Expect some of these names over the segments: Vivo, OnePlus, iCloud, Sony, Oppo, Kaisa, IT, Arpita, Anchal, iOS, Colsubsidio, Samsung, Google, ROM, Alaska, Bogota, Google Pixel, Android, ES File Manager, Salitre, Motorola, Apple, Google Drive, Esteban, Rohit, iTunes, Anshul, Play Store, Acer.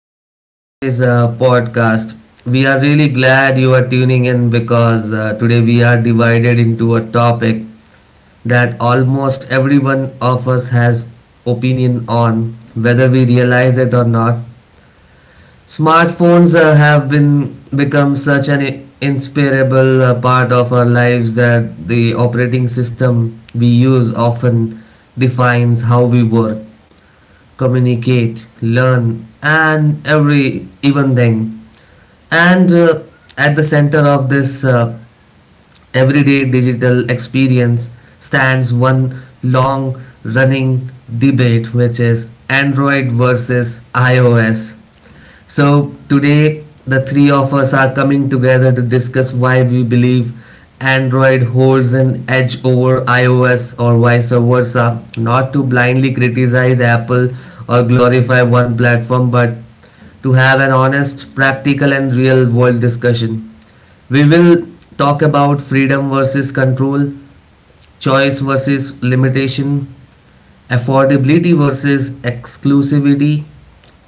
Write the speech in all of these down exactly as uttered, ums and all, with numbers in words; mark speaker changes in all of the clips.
Speaker 1: to today's uh, podcast. We are really glad you are tuning in because uh, today we are divided into a topic that almost everyone of us has opinion on whether we realize it or not. Smartphones uh, have been become such an inseparable uh, part of our lives that the operating system we use often defines how we work communicate, learn, and every even thing. And uh, at the center of this uh, everyday digital experience stands one long running debate, which is Android versus iOS. So today the three of us are coming together to discuss why we believe Android holds an edge over iOS or vice versa, not to blindly criticize Apple or glorify one platform but to have an honest, practical and real world discussion. We will talk about freedom versus control, choice versus limitation, affordability versus exclusivity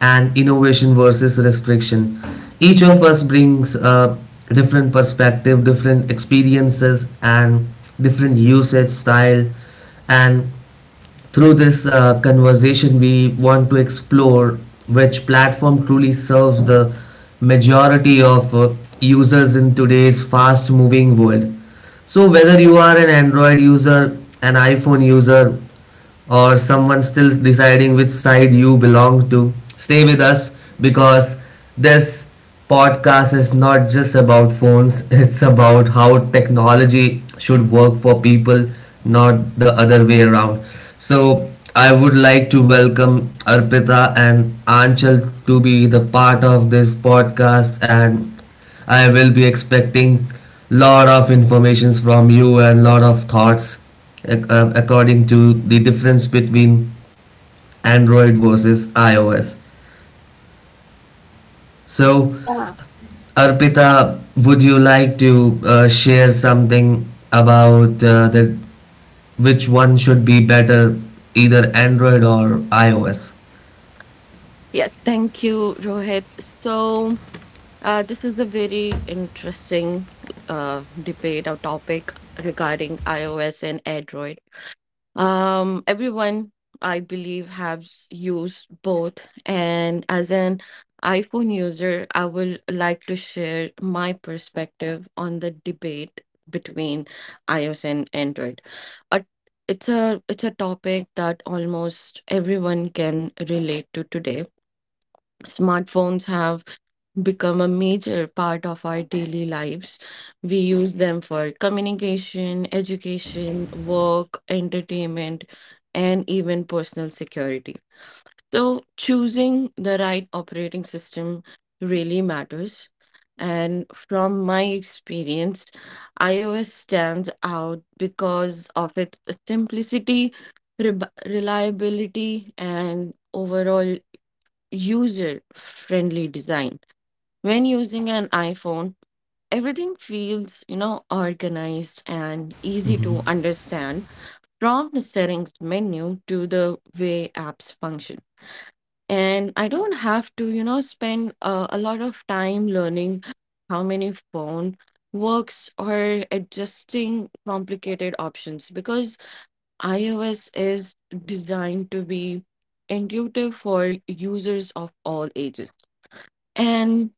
Speaker 1: and innovation versus restriction each of us brings a different perspective different experiences and different usage style and through this uh, conversation, we want to explore which platform truly serves the majority of uh, users in today's fast moving world. So, whether you are an Android user, an iPhone user, or someone still deciding which side you belong to, stay with us because this podcast is not just about phones, it's about how technology should work for people, not the other way around. So, I would like to welcome Arpita and Anchal to be the part of this podcast and I will be expecting lot of informations from you and lot of thoughts ac- uh, according to the difference between Android versus iOS. So,
Speaker 2: Yeah,
Speaker 1: Arpita, would you like to uh, share something about uh, the, which one should be better, either Android or iOS?
Speaker 3: Yes, thank you, Rohit. So, uh, this is a very interesting uh, debate or topic regarding iOS and Android. Um, everyone, I believe, has used both, and as an iPhone user, I would like to share my perspective on the debate between iOS and Android. A it's a it's a topic that almost everyone can relate to today. Smartphones have become a major part of our daily lives. We use them for communication, education, work, entertainment, and even personal security. So, choosing the right operating system really matters. And from my experience, iOS stands out because of its simplicity, re- reliability, and overall user-friendly design. When using an iPhone, everything feels, you know, organized and easy to understand from the settings menu to the way apps function. And I don't have to, you know, spend uh, a lot of time learning how many phone works or adjusting complicated options, because iOS is designed to be intuitive for users of all ages. And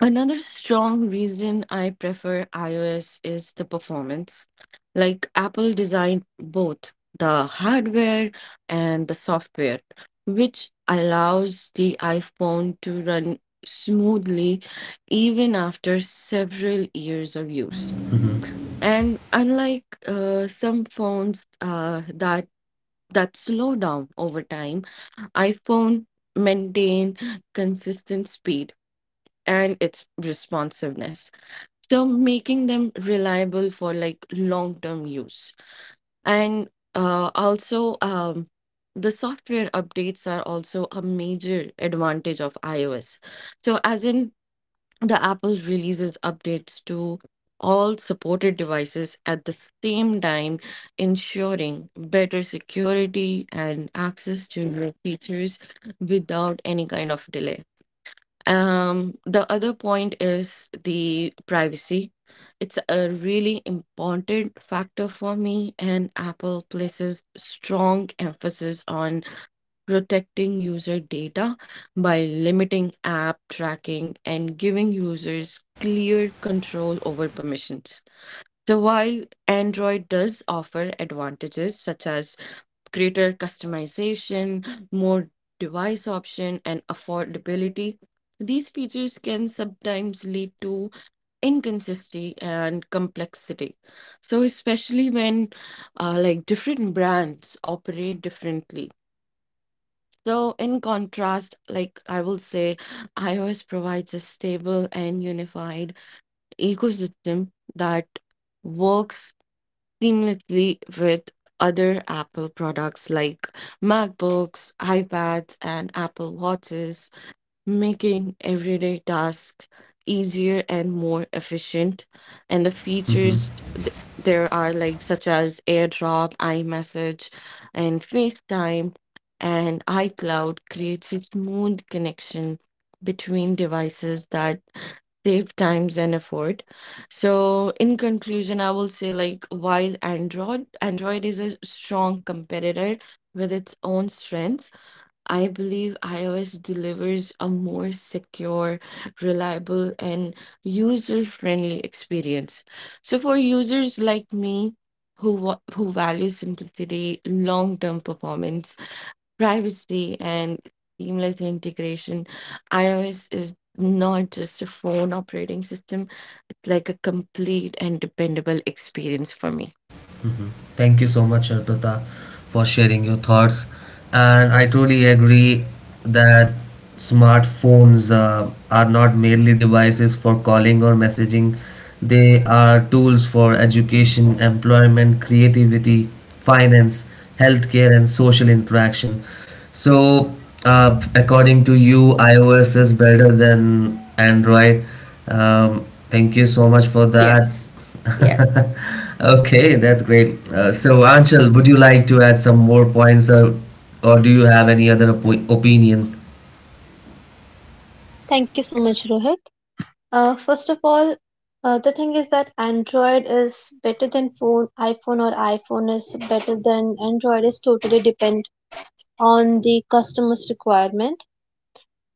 Speaker 3: another strong reason I prefer iOS is the performance. Like, Apple designed both the hardware and the software, which allows the iPhone to run smoothly even after several years of use. And unlike uh, some phones uh, that that slow down over time, iPhone maintain consistent speed and its responsiveness, so making them reliable for like long-term use. And uh, also, um, the software updates are also a major advantage of iOS. So as in, the Apple releases updates to all supported devices at the same time, ensuring better security and access to new features without any kind of delay. Um, the other point is the privacy. It's a really important factor for me, and Apple places strong emphasis on protecting user data by limiting app tracking and giving users clear control over permissions. So while Android does offer advantages such as greater customization, more device option, and affordability, these features can sometimes lead to inconsistency and complexity, so especially when uh, like different brands operate differently. So in contrast, like I will say, iOS provides a stable and unified ecosystem that works seamlessly with other Apple products like MacBooks, iPads, and Apple Watches, making everyday tasks easier and more efficient. And the features th- there are like such as AirDrop, iMessage, and FaceTime and iCloud creates a smooth connection between devices that save times and effort. So in conclusion, I will say, like, while Android Android is a strong competitor with its own strengths, I believe iOS delivers a more secure, reliable, and user-friendly experience. So for users like me who wa- who value simplicity, long-term performance, privacy and seamless integration, iOS is not just a phone operating system, it's like a complete and dependable experience for me.
Speaker 1: Thank you so much, Arpita, for sharing your thoughts. And I truly agree that smartphones uh, are not merely devices for calling or messaging, they are tools for education, employment, creativity, finance, healthcare, and social interaction. So, uh, according to you, iOS is better than Android. Um, thank you so much for that.
Speaker 3: Yes. Yes.
Speaker 1: Okay, that's great. Uh, so, Anshul, would you like to add some more points or, or do you have any other opi- opinion?
Speaker 2: thank you so much, Rohit. Uh, first of all, uh, the thing is that Android is better than phone, iPhone or iPhone is better than Android is totally depend on the customer's requirement.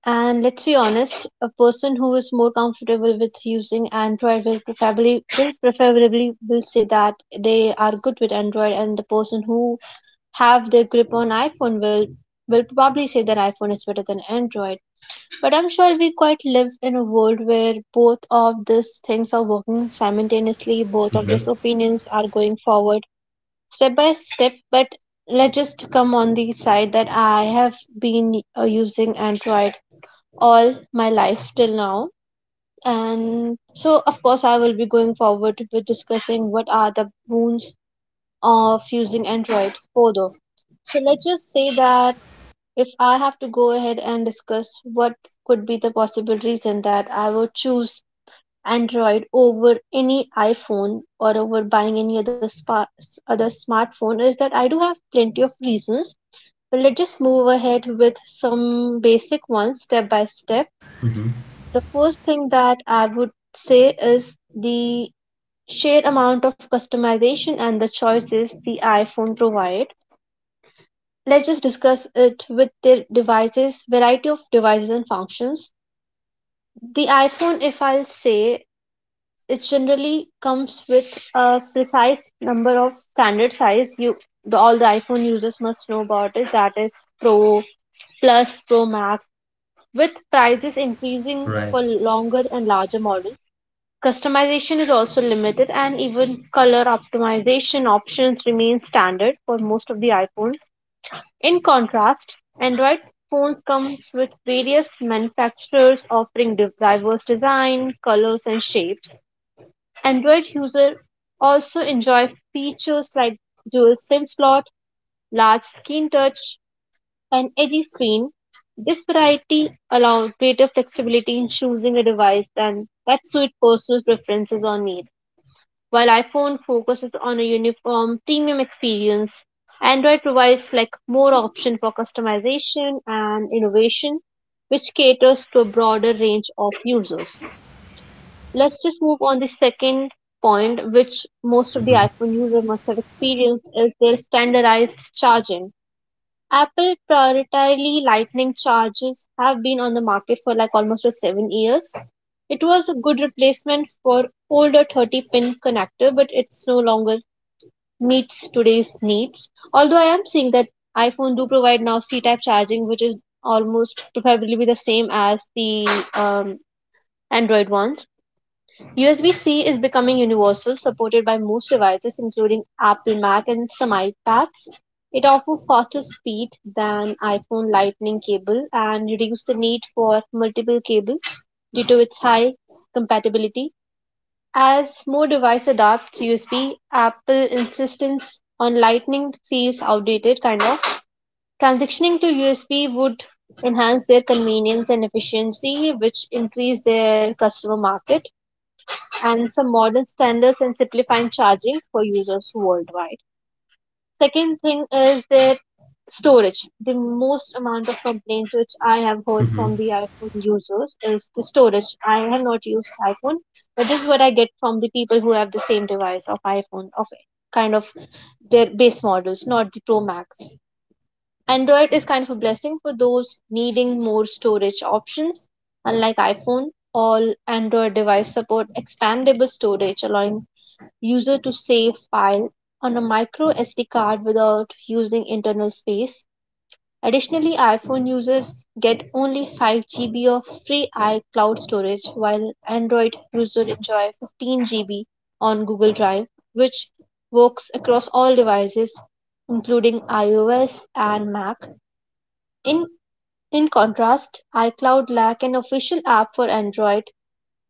Speaker 2: And let's be honest, a person who is more comfortable with using Android will preferably will preferably will say that they are good with Android, and the person who have their grip on iPhone will will probably say that iPhone is better than Android. But I'm sure we quite live in a world where both of these things are working simultaneously, both of these opinions are going forward step by step. But let's just come on the side that I have been uh, using Android all my life till now. And so, of course, I will be going forward with discussing what are the boons of using Android for though. So, let's just say that if I have to go ahead and discuss what could be the possible reason that I would choose Android over any iPhone or over buying any other spa- other smartphone is that I do have plenty of reasons. But let's just move ahead with some basic ones step by step. The first thing that I would say is the sheer amount of customization and the choices the iPhone provides. Let's just discuss it with their devices, variety of devices and functions. The iPhone, if I'll say, it generally comes with a precise number of standard size. You, the, all the iPhone users must know about is that is Pro, Plus, Pro Max, with prices increasing
Speaker 1: Right.
Speaker 2: for longer and larger models. Customization is also limited, and even color optimization options remain standard for most of the iPhones. In contrast, Android phones comes with various manufacturers offering div- diverse design, colors and shapes. Android users also enjoy features like dual SIM slot, large screen touch and edgy screen. This variety allows greater flexibility in choosing a device than that suit personal preferences or needs. While iPhone focuses on a uniform premium experience, Android provides like more option for customization and innovation, which caters to a broader range of users. Let's just move on the second point, which most of the iPhone user must have experienced is their standardized charging. Apple prioritarily lightning chargers have been on the market for like almost seven years. It was a good replacement for older thirty pin connector but it's no longer meets today's needs. Although I am seeing that iPhone do provide now C-type charging, which is almost probably the same as the um, Android ones. U S B-C is becoming universal, supported by most devices, including Apple Mac and some iPads. It offers faster speed than iPhone Lightning cable and reduces the need for multiple cables due to its high compatibility. As more device adopts U S B, Apple insistence on Lightning feels outdated kind of. Transitioning to U S B would enhance their convenience and efficiency, which increase their customer market and some modern standards and simplifying charging for users worldwide. Second thing is their storage. The most amount of complaints which I have heard
Speaker 1: Mm-hmm.
Speaker 2: from the iPhone users is the storage. I have not used iPhone, but this is what I get from the people who have the same device of iPhone of kind of their base models, not the Pro Max. Android is kind of a blessing for those needing more storage options. Unlike iPhone, all Android device support expandable storage, allowing user to save file on a micro S D card without using internal space. Additionally, iPhone users get only five G B of free iCloud storage while Android users enjoy fifteen G B on Google Drive, which works across all devices including iOS and Mac. In in contrast, iCloud lacks an official app for Android.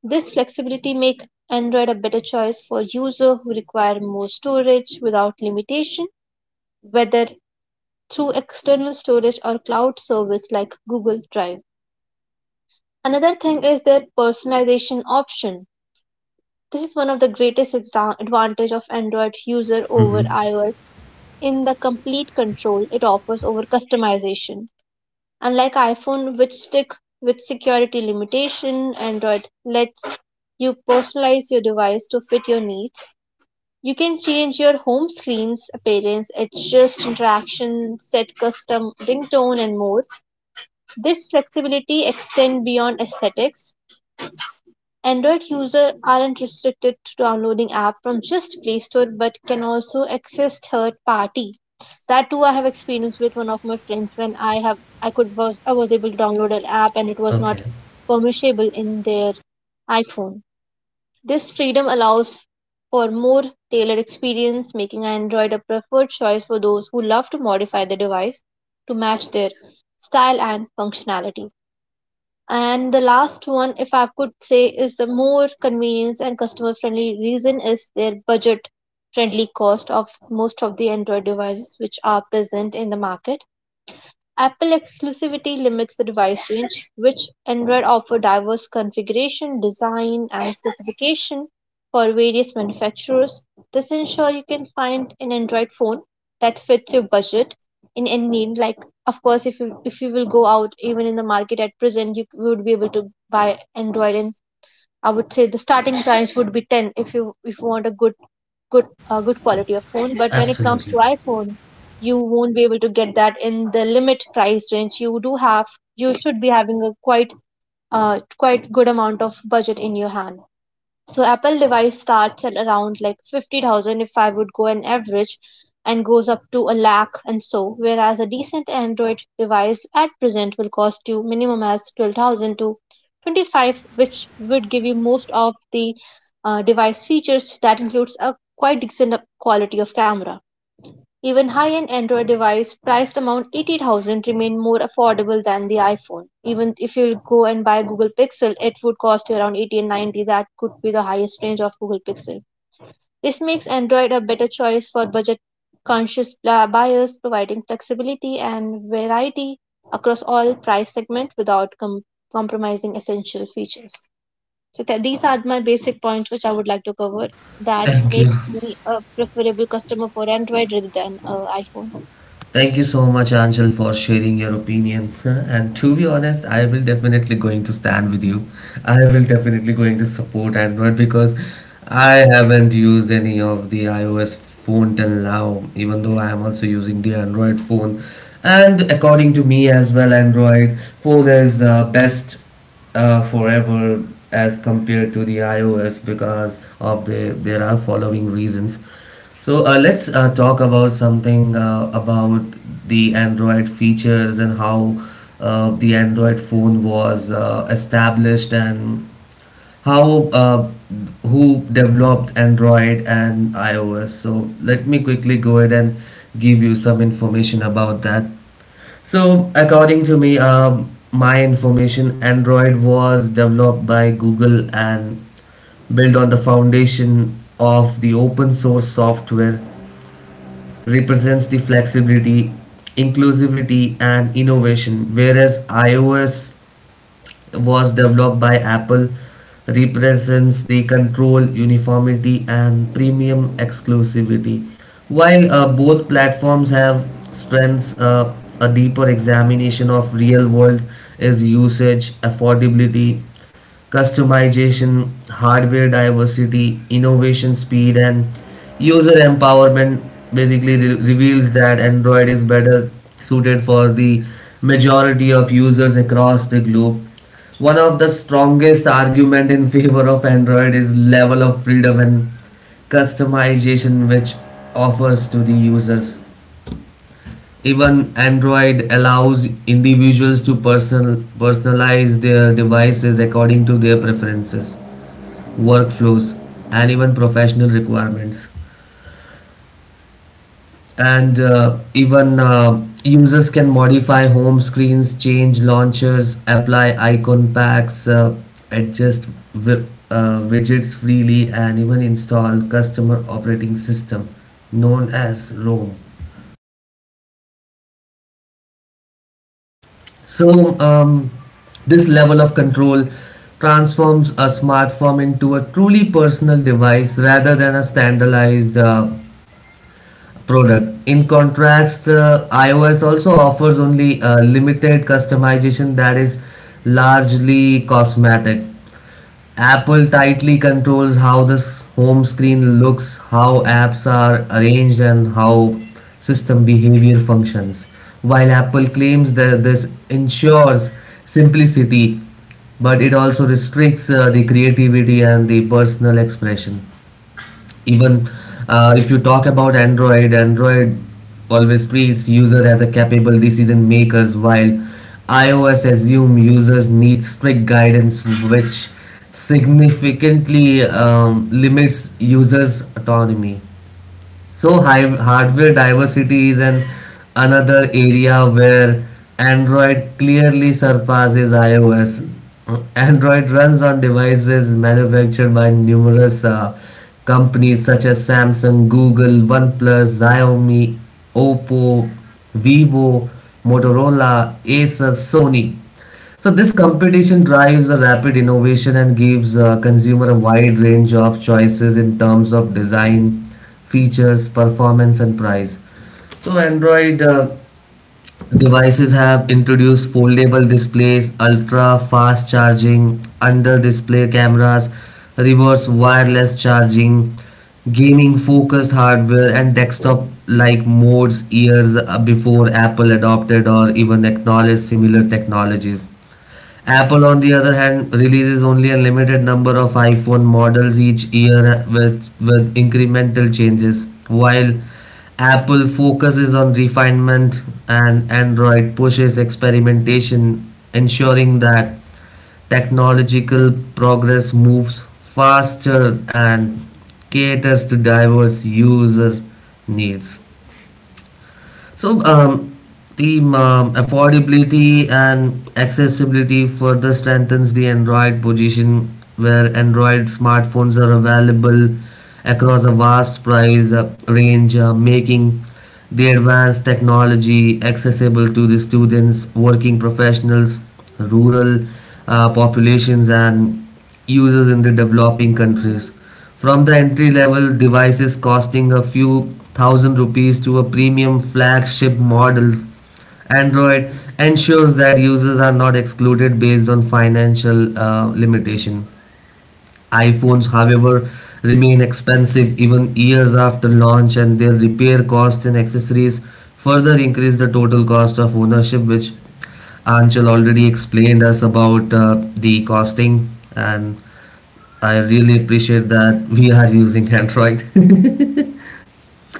Speaker 2: This flexibility makes Android a better choice for users who require more storage without limitation, whether through external storage or cloud service like Google Drive. Another thing is their personalization option. This is one of the greatest advantage of Android user over
Speaker 1: Mm-hmm.
Speaker 2: iOS in the complete control it offers over customization. Unlike iPhone which stick with security limitation, Android lets you personalize your device to fit your needs. You can change your home screen's appearance, adjust interaction, set custom ringtone, and more. This flexibility extends beyond aesthetics. Android users aren't restricted to downloading app from just Play Store but can also access third party. That too I have experienced with one of my friends when I have I could was I was able to download an app and it was not
Speaker 1: Okay.
Speaker 2: permissible in their iPhone. This freedom allows for more tailored experience, making Android a preferred choice for those who love to modify the device to match their style and functionality. And the last one, if I could say, is the more convenience and customer friendly reason is their budget friendly cost of most of the Android devices which are present in the market. Apple exclusivity limits the device range, which Android offer diverse configuration, design, and specification for various manufacturers. This ensures you can find an Android phone that fits your budget in any need. Like, of course, if you if you will go out even in the market at present, you would be able to buy Android. And I would say the starting price would be ten if you if you want a good good uh, good quality of phone. But when it comes to
Speaker 1: Absolutely.
Speaker 2: iPhone, you won't be able to get that in the limit price range. You do have You should be having a quite uh, quite good amount of budget in your hand. So Apple device starts at around like fifty thousand if I would go an average and goes up to a lakh and so, whereas a decent Android device at present will cost you minimum as twelve thousand to twenty-five, which would give you most of the uh, device features that includes a quite decent quality of camera. Even high-end Android device priced around eighty thousand remain more affordable than the iPhone. Even if you go and buy Google Pixel, it would cost you around eighty and ninety. That could be the highest range of Google Pixel. This makes Android a better choice for budget-conscious buyers, providing flexibility and variety across all price segments without com- compromising essential features. So th- these are my basic points which I would like to cover that
Speaker 1: Thank you.
Speaker 2: makes me a preferable customer for Android rather than uh, iPhone.
Speaker 1: Thank you so much, Angel, for sharing your opinion. And to be honest, I will definitely going to stand with you. I will definitely going to support Android because I haven't used any of the iOS phone till now, even though I am also using the Android phone. And according to me as well, Android phone is the best uh, forever as compared to the iOS because of the there are following reasons. So uh, let's uh, talk about something uh, about the Android features and how uh, the Android phone was uh, established and how uh, who developed Android and iOS. So let me quickly go ahead and give you some information about that. So, according to me, um, my information, Android was developed by Google and built on the foundation of the open source software, represents the flexibility, inclusivity, and innovation, whereas iOS was developed by Apple represents the control, uniformity, and premium exclusivity. While uh, both platforms have strengths, uh, a deeper examination of real world is usage, affordability, customization, hardware diversity, innovation speed, and user empowerment basically re- reveals that Android is better suited for the majority of users across the globe. One of the strongest argument in favor of Android is level of freedom and customization which offers to the users. Even Android allows individuals to personal, personalize their devices according to their preferences workflows, and even professional requirements. And uh, even uh, users can modify home screens, change launchers, apply icon packs, uh, adjust wi- uh, widgets freely, and even install customer operating system known as ROM. So, um, this level of control transforms a smartphone into a truly personal device rather than a standardized uh, product. In contrast, uh, iOS also offers only uh, limited customization that is largely cosmetic. Apple tightly controls how the home screen looks, how apps are arranged, and how system behavior functions. While Apple claims that this ensures simplicity, but it also restricts uh, the creativity and the personal expression even uh, if you talk about android android always treats users as a capable decision makers while ios assume users need strict guidance which significantly um, limits users autonomy so hi- hardware diversity is an another area where Android clearly surpasses iOS. Android runs on devices manufactured by numerous uh, companies such as Samsung, Google, OnePlus, Xiaomi, Oppo, Vivo, Motorola, Acer, Sony. So this competition drives a rapid innovation and gives uh, consumer a wide range of choices in terms of design, features, performance, and price. So Android uh, devices have introduced foldable displays, ultra fast charging, under display cameras, reverse wireless charging, gaming focused hardware and desktop like modes years uh, before Apple adopted or even acknowledged similar technologies. Apple, on the other hand, releases only a limited number of iPhone models each year with, with incremental changes, while Apple focuses on refinement and Android pushes experimentation, ensuring that technological progress moves faster and caters to diverse user needs. So, um, the um, affordability and accessibility further strengthens the Android position, where Android smartphones are available across a vast price uh, range, uh, making the advanced technology accessible to the students, working professionals, rural uh, populations, and users in the developing countries. From the entry level devices costing a few thousand rupees to a premium flagship models, Android ensures that users are not excluded based on financial uh, limitation. iPhones, however, remain expensive even years after launch, and their repair costs and accessories further increase the total cost of ownership, which Anchal already explained us about uh, the costing and I really appreciate that we are using Android.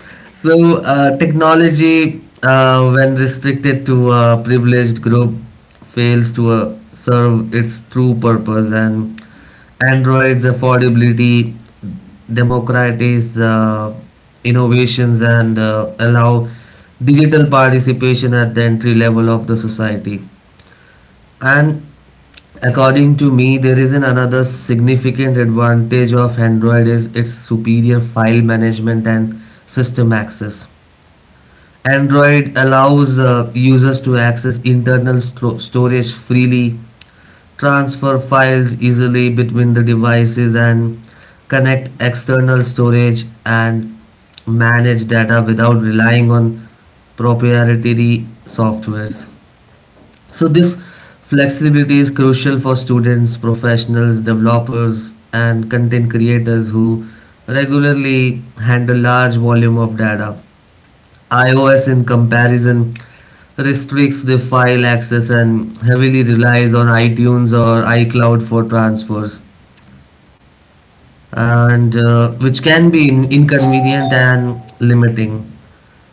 Speaker 1: So, uh, technology, uh, when restricted to a privileged group, fails to uh, serve its true purpose, and Android's affordability democratize uh, innovations and uh, allow digital participation at the entry level of the society. And according to me, there is an another significant advantage of Android is its superior file management and system access. Android allows uh, users to access internal sto- storage freely, transfer files easily between the devices, and connect external storage and manage data without relying on proprietary softwares. So this flexibility is crucial for students, professionals, developers and content creators who regularly handle large volume of data. iOS in comparison restricts the file access and heavily relies on iTunes or iCloud for transfers and uh, which can be in- inconvenient and limiting.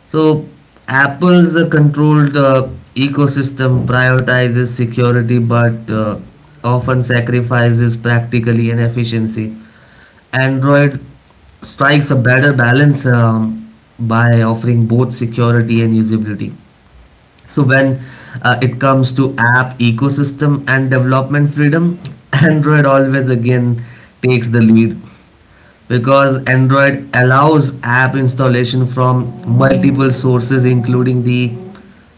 Speaker 1: So Apple's uh, controlled uh, ecosystem prioritizes security but uh, often sacrifices practically and efficiency. Android strikes a better balance um, by offering both security and usability. So when uh, it comes to app ecosystem and development freedom, Android always again takes the lead because Android allows app installation from multiple sources, including the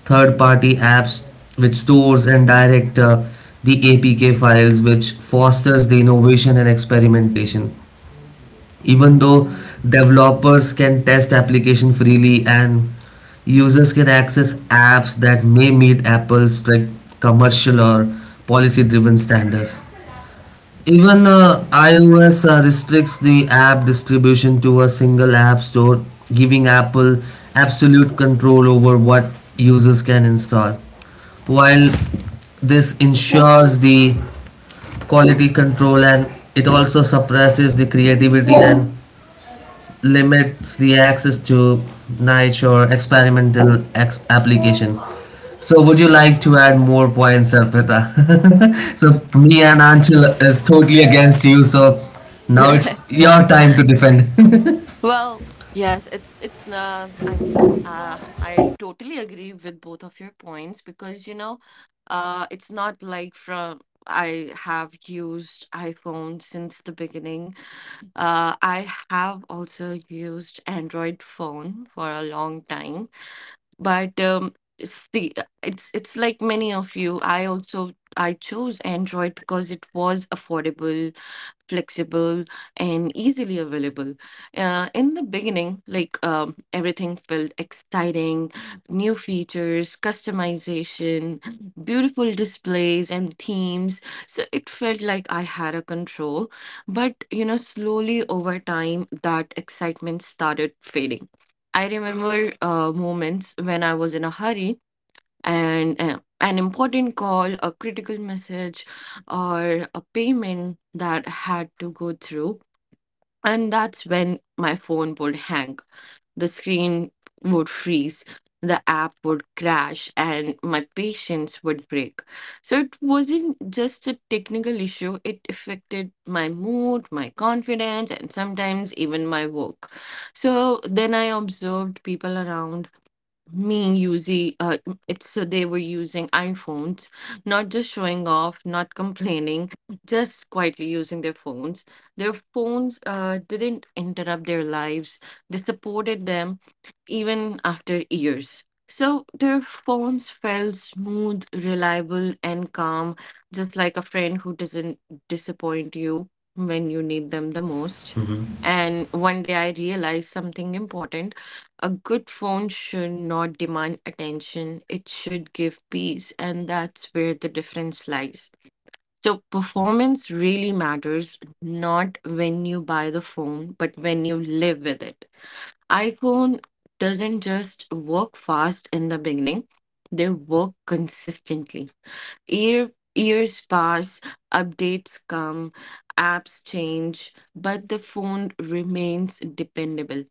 Speaker 1: third party apps, which stores and direct uh, the A P K files, which fosters the innovation and experimentation. Even though developers can test application freely and users can access apps that may meet Apple's strict commercial or policy driven standards. Even uh, iOS uh, restricts the app distribution to a single app store, giving Apple absolute control over what users can install. While this ensures the quality control and it also suppresses the creativity and limits the access to niche or experimental ex- application. So, would you like to add more points, Arpita? So, me and Anshul is totally against you. So, now it's
Speaker 3: Right.
Speaker 1: your time to defend.
Speaker 3: Well, yes, it's it's uh, I mean, uh, I totally agree with both of your points, because you know, uh, it's not like, from I have used iPhone since the beginning. Uh, I have also used Android phone for a long time, but um, see, uh, it's it's like many of you. I also I chose Android because it was affordable, flexible, and easily available. Uh, in the beginning, like, um, everything felt exciting, new features, customization, beautiful displays and themes. So it felt like I had a control. But you know, slowly over time, that excitement started fading. I remember uh, moments when I was in a hurry and uh, an important call, a critical message, or a payment that had to go through. And that's when my phone would hang. The screen would freeze, the app would crash, and my patience would break. So it wasn't just a technical issue, it affected my mood, my confidence, and sometimes even my work. So then I observed people around me using, uh, it's so they were using iPhones, not just showing off, not complaining, just quietly using their phones. Their phones uh, didn't interrupt their lives. They supported them even after years. So their phones felt smooth, reliable, and calm, just like a friend who doesn't disappoint you when you need them the most. And one day I realized something important. A good phone should not demand attention, it should give peace, and that's where the difference lies. So, performance really matters, not when you buy the phone, but when you live with it. iPhone doesn't just work fast in the beginning, they work consistently. Year, years pass, updates come, apps change, but the phone remains dependable.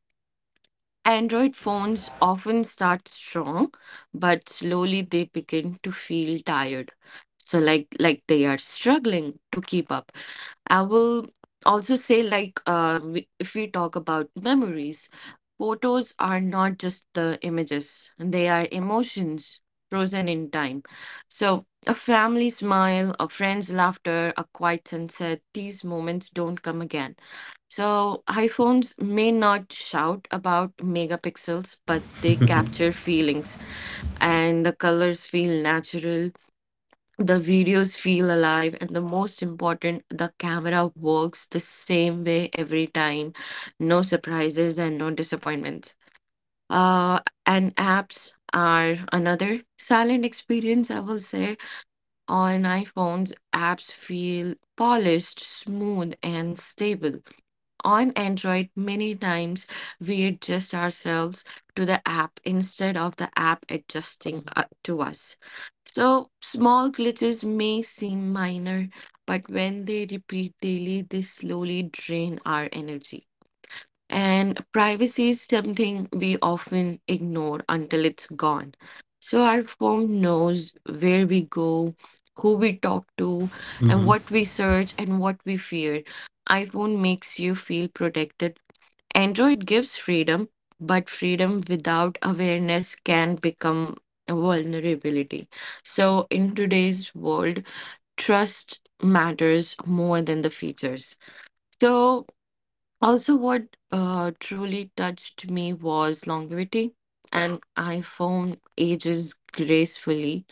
Speaker 3: Android phones often start strong, but slowly they begin to feel tired, so like like they are struggling to keep up. I will also say, like, uh, we- if we talk about memories, photos are not just the images; they are emotions frozen in time. So a family smile, a friend's laughter, a quiet sunset, these moments don't come again. So iPhones may not shout about megapixels, but they capture feelings, and the colors feel natural, the videos feel alive, and the most important, the camera works the same way every time. No surprises and no disappointments. Uh, and apps are another silent experience, I will say. On iPhones, apps feel polished, smooth, and stable. On Android, many times we adjust ourselves to the app instead of the app adjusting uh, to us. So, small glitches may seem minor, but when they repeat daily, they slowly drain our energy. And privacy is something we often ignore until it's gone. So, our phone knows where we go, who we talk to, and what we search and what we fear. iPhone makes you feel protected. Android gives freedom, but freedom without awareness can become a vulnerability. So, in today's world, trust matters more than the features. So, also, what uh, truly touched me was longevity. An iPhone ages gracefully,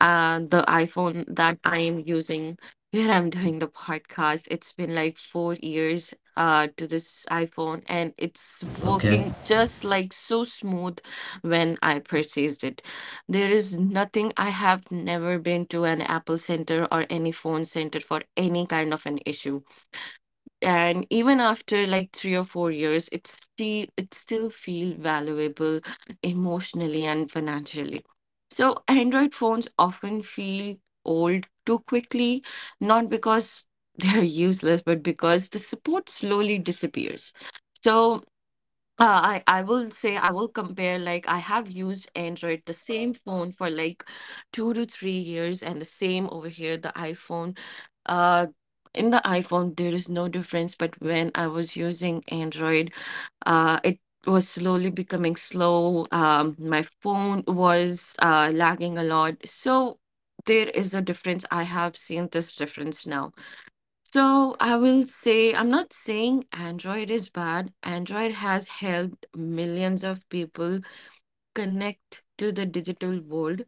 Speaker 3: uh, The iPhone that I am using where I'm doing the podcast, it's been like four years uh, to this iPhone, and it's
Speaker 1: Okay,
Speaker 3: working just like so smooth when I purchased it. There is nothing, I have never been to an Apple Center or any phone center for any kind of an issue, and even after like three or four years, it's still it still feel valuable, emotionally and financially. So Android phones often feel old too quickly, not because they're useless, but because the support slowly disappears. So uh, I, I will say, I will compare, like, I have used Android, the same phone, for like two to three years, and the same over here, the iPhone, uh, in the iPhone, there is no difference, but when I was using Android, uh, it was slowly becoming slow. Um, my phone was uh, lagging a lot. So there is a difference. I have seen this difference now. So I will say, I'm not saying Android is bad. Android has helped millions of people connect to the digital world.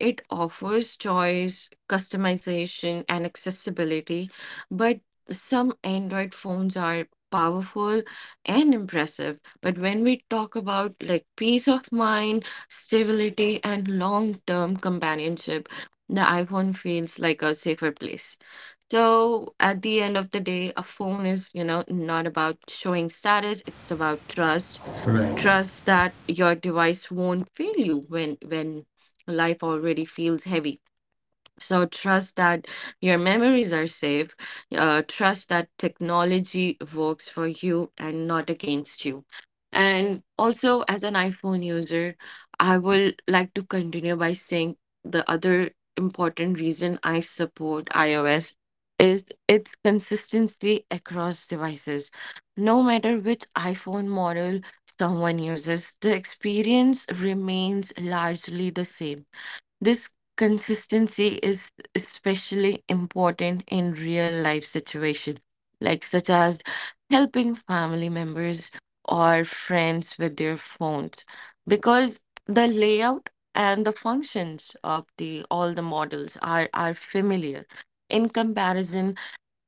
Speaker 3: It offers choice, customization, and accessibility, but some Android phones are powerful and impressive. But when we talk about, like, peace of mind, stability, and long-term companionship, the iPhone feels like a safer place. So at the end of the day, a phone is, you know, not about showing status, it's about trust.
Speaker 1: right.
Speaker 3: Trust that your device won't fail you when when life already feels heavy. So trust that your memories are safe. Uh, trust that technology works for you and not against you. And also, as an iPhone user, I will like to continue by saying, the other important reason I support iOS is its consistency across devices. No matter which iPhone model someone uses, the experience remains largely the same. This consistency is especially important in real life situations, like, such as helping family members or friends with their phones, because the layout and the functions of the all the models are are familiar. In comparison,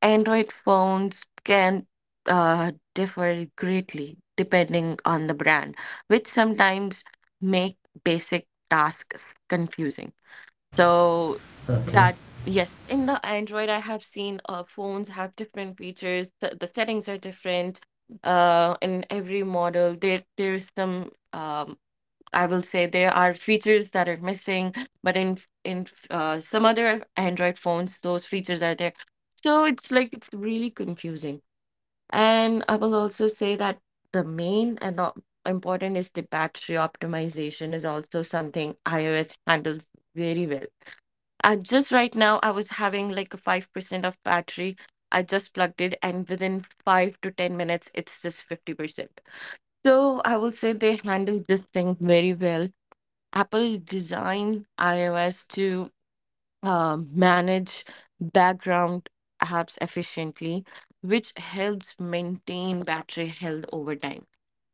Speaker 3: Android phones can uh, differ greatly depending on the brand, which sometimes make basic tasks confusing. So
Speaker 1: Okay.
Speaker 3: that, yes, in the Android, I have seen uh, phones have different features. The, the settings are different uh, in every model. There there's some, um, I will say, there are features that are missing, but in f- in f- uh, some other Android phones, those features are there. So it's like it's really confusing. And I will also say that the main and the important is, the battery optimization is also something iOS handles very well, and just right now, I was having like a five percent of battery. I just plugged it, and within five to ten minutes, it's just fifty percent. So I will say they handle this thing very well. Apple designed iOS to uh, manage background apps efficiently, which helps maintain battery health over time.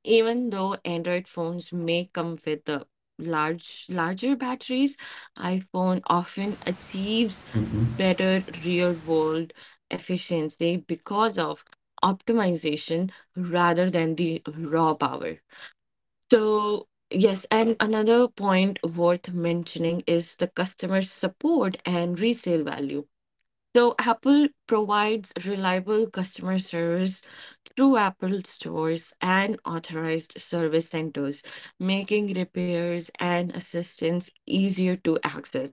Speaker 3: Even though Android phones may come with the large larger batteries, iPhone often achieves better real-world efficiency because of optimization rather than the raw power. So, yes, and another point worth mentioning is the customer support and resale value. So, Apple provides reliable customer service through Apple stores and authorized service centers, making repairs and assistance easier to access.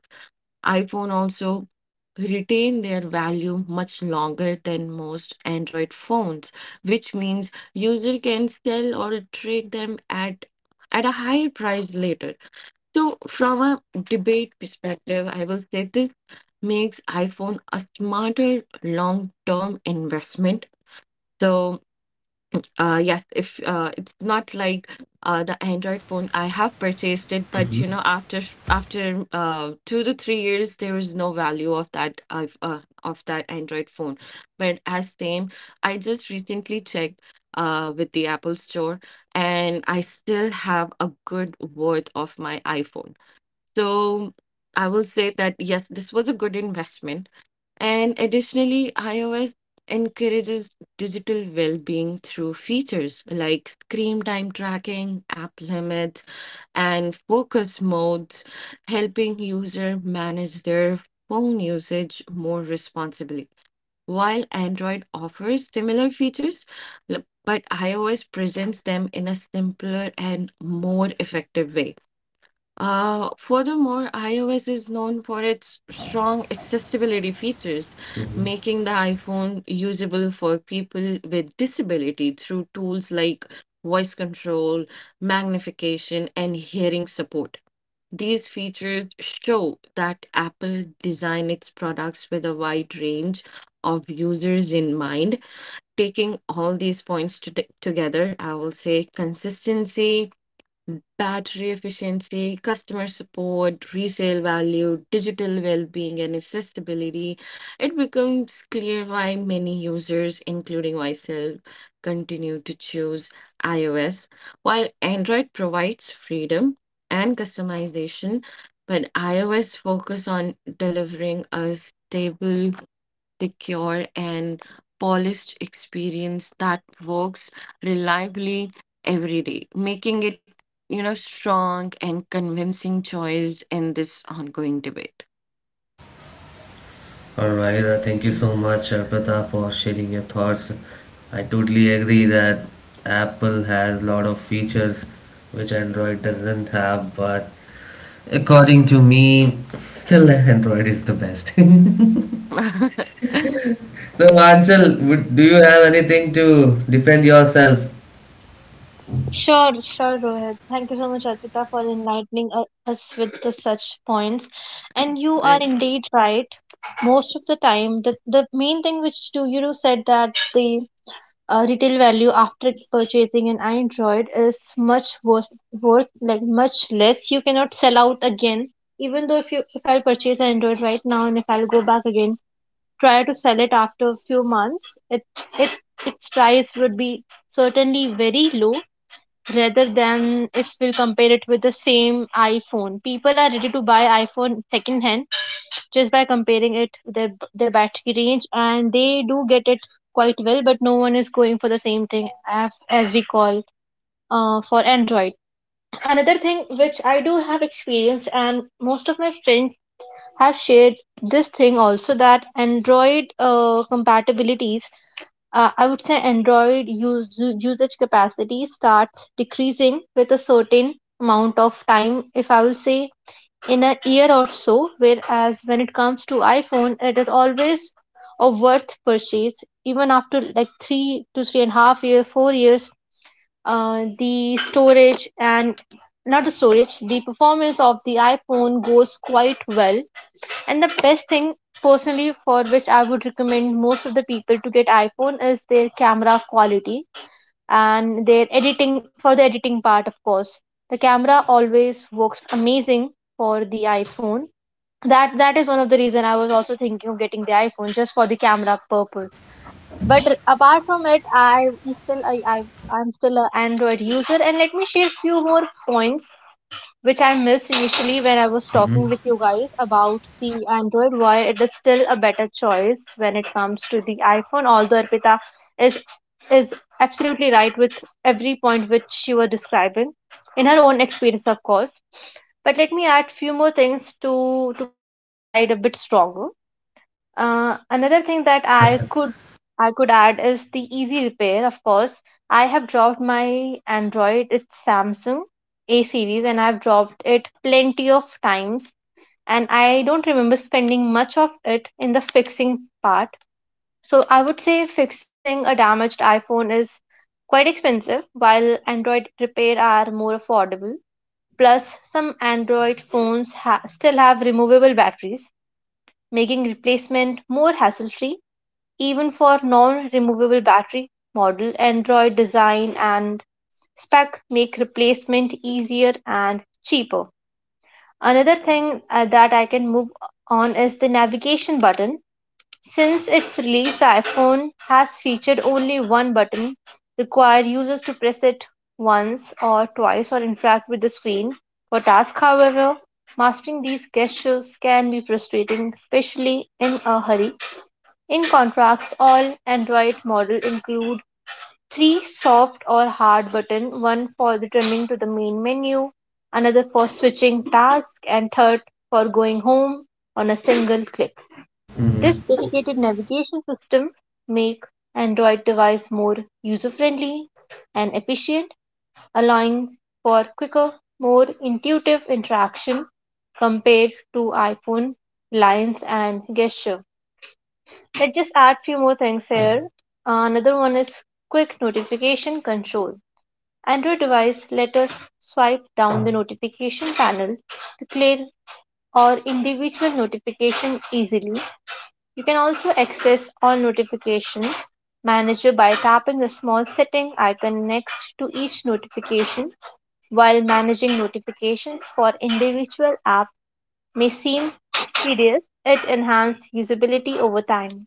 Speaker 3: iPhone also retain their value much longer than most Android phones, which means user can sell or trade them at at a higher price later. So from a debate perspective, I will say this makes iPhone a smarter long-term investment. So uh, yes, if uh, it's not like uh, the Android phone, I have purchased it, but you know, after after uh, two to three years, there is no value of that of uh, of that Android phone. But as same, I just recently checked uh, with the Apple Store, and I still have a good worth of my iPhone. So I will say that yes, this was a good investment. And additionally, iOS encourages digital well being through features like screen time tracking, app limits, and focus modes, helping user manage their phone usage more responsibly. While Android offers similar features, l- but iOS presents them in a simpler and more effective way. Uh, furthermore, iOS is known for its strong accessibility features, making the iPhone usable for people with disability through tools like voice control, magnification, and hearing support. These features show that Apple designed its products with a wide range of users in mind. Taking all these points to together, I will say consistency battery efficiency, customer support, resale value, digital well-being, and accessibility, it becomes clear why many users, including myself, continue to choose iOS. While Android provides freedom and customization, but iOS focus on delivering a stable secure, and polished experience that works reliably every day, making it, you know, strong and convincing choice in this ongoing debate.
Speaker 1: All right, uh, thank you so much, uh, Pratap, for sharing your thoughts. I totally agree that Apple has a lot of features which Android doesn't have, but according to me, still Android is the best. So, Anchal, would, do you have anything to defend yourself?
Speaker 2: Sure, sure, Rohit. Thank you so much, Arpita, for enlightening u- us with the such points. And you are
Speaker 3: Like,
Speaker 2: indeed right. Most of the time, the, the main thing which do you do said that the uh, retail value after purchasing an Android is much worth, worth like much less. You cannot sell out again. Even though if you if I purchase an Android right now and if I'll go back again, try to sell it after a few months, it it its price would be certainly very low rather than if we'll compare it with the same iPhone. People are ready to buy iPhone second hand just by comparing it with their their battery range, and they do get it quite well. But no one is going for the same thing af- as we call uh, for Android. Another thing which I do have experienced, and most of my friends have shared this thing also that Android uh, compatibilities uh, I would say Android use, usage capacity starts decreasing with a certain amount of time. If I will say in a year or so, whereas when it comes to iPhone, it is always a worth purchase. Even after like three to three and a half year, four years, uh, the storage and not the storage, the performance of the iPhone goes quite well and the best thing personally for which I would recommend most of the people to get iPhone is their camera quality and their editing for the editing part of course. The camera always works amazing for the iPhone. That that is one of the reason I was also thinking of getting the iPhone just for the camera purpose. But apart from it, I'm still I, I I'm still an Android user and let me share few more points which I missed initially when I was talking with you guys about the Android, why it is still a better choice when it comes to the iPhone. Although Arpita is is absolutely right with every point which she was describing in her own experience, of course. But let me add few more things to to make my side a bit stronger. Uh, another thing that I could I could add is the easy repair. Of course, I have dropped my Android. It's Samsung A series, and I've dropped it plenty of times. And I don't remember spending much of it in the fixing part. So I would say fixing a damaged iPhone is quite expensive, while Android repair are more affordable. Plus, some Android phones ha- still have removable batteries, making replacement more hassle-free even for non-removable battery model Android design and spec make replacement easier and cheaper. Another thing uh, that I can move on is the navigation button. Since its release, the iPhone has featured only one button, require users to press it once or twice or interact with the screen for tasks. However, mastering these gestures can be frustrating, especially in a hurry. In contrast, all Android models include three soft or hard buttons, one for returning to the main menu, another for switching tasks, and third for going home on a single click. This
Speaker 1: Hmm.
Speaker 2: dedicated navigation system makes Android devices more user-friendly and efficient, allowing for quicker, more intuitive interaction compared to iPhone lines and gesture. Let's just add few more things here. Uh, another one is quick notification control. Android device let us swipe down the notification panel to clear or individual notification easily. You can also access all notification manager by tapping the small setting icon next to each notification. While managing notifications for individual app may seem tedious, it enhanced usability over time.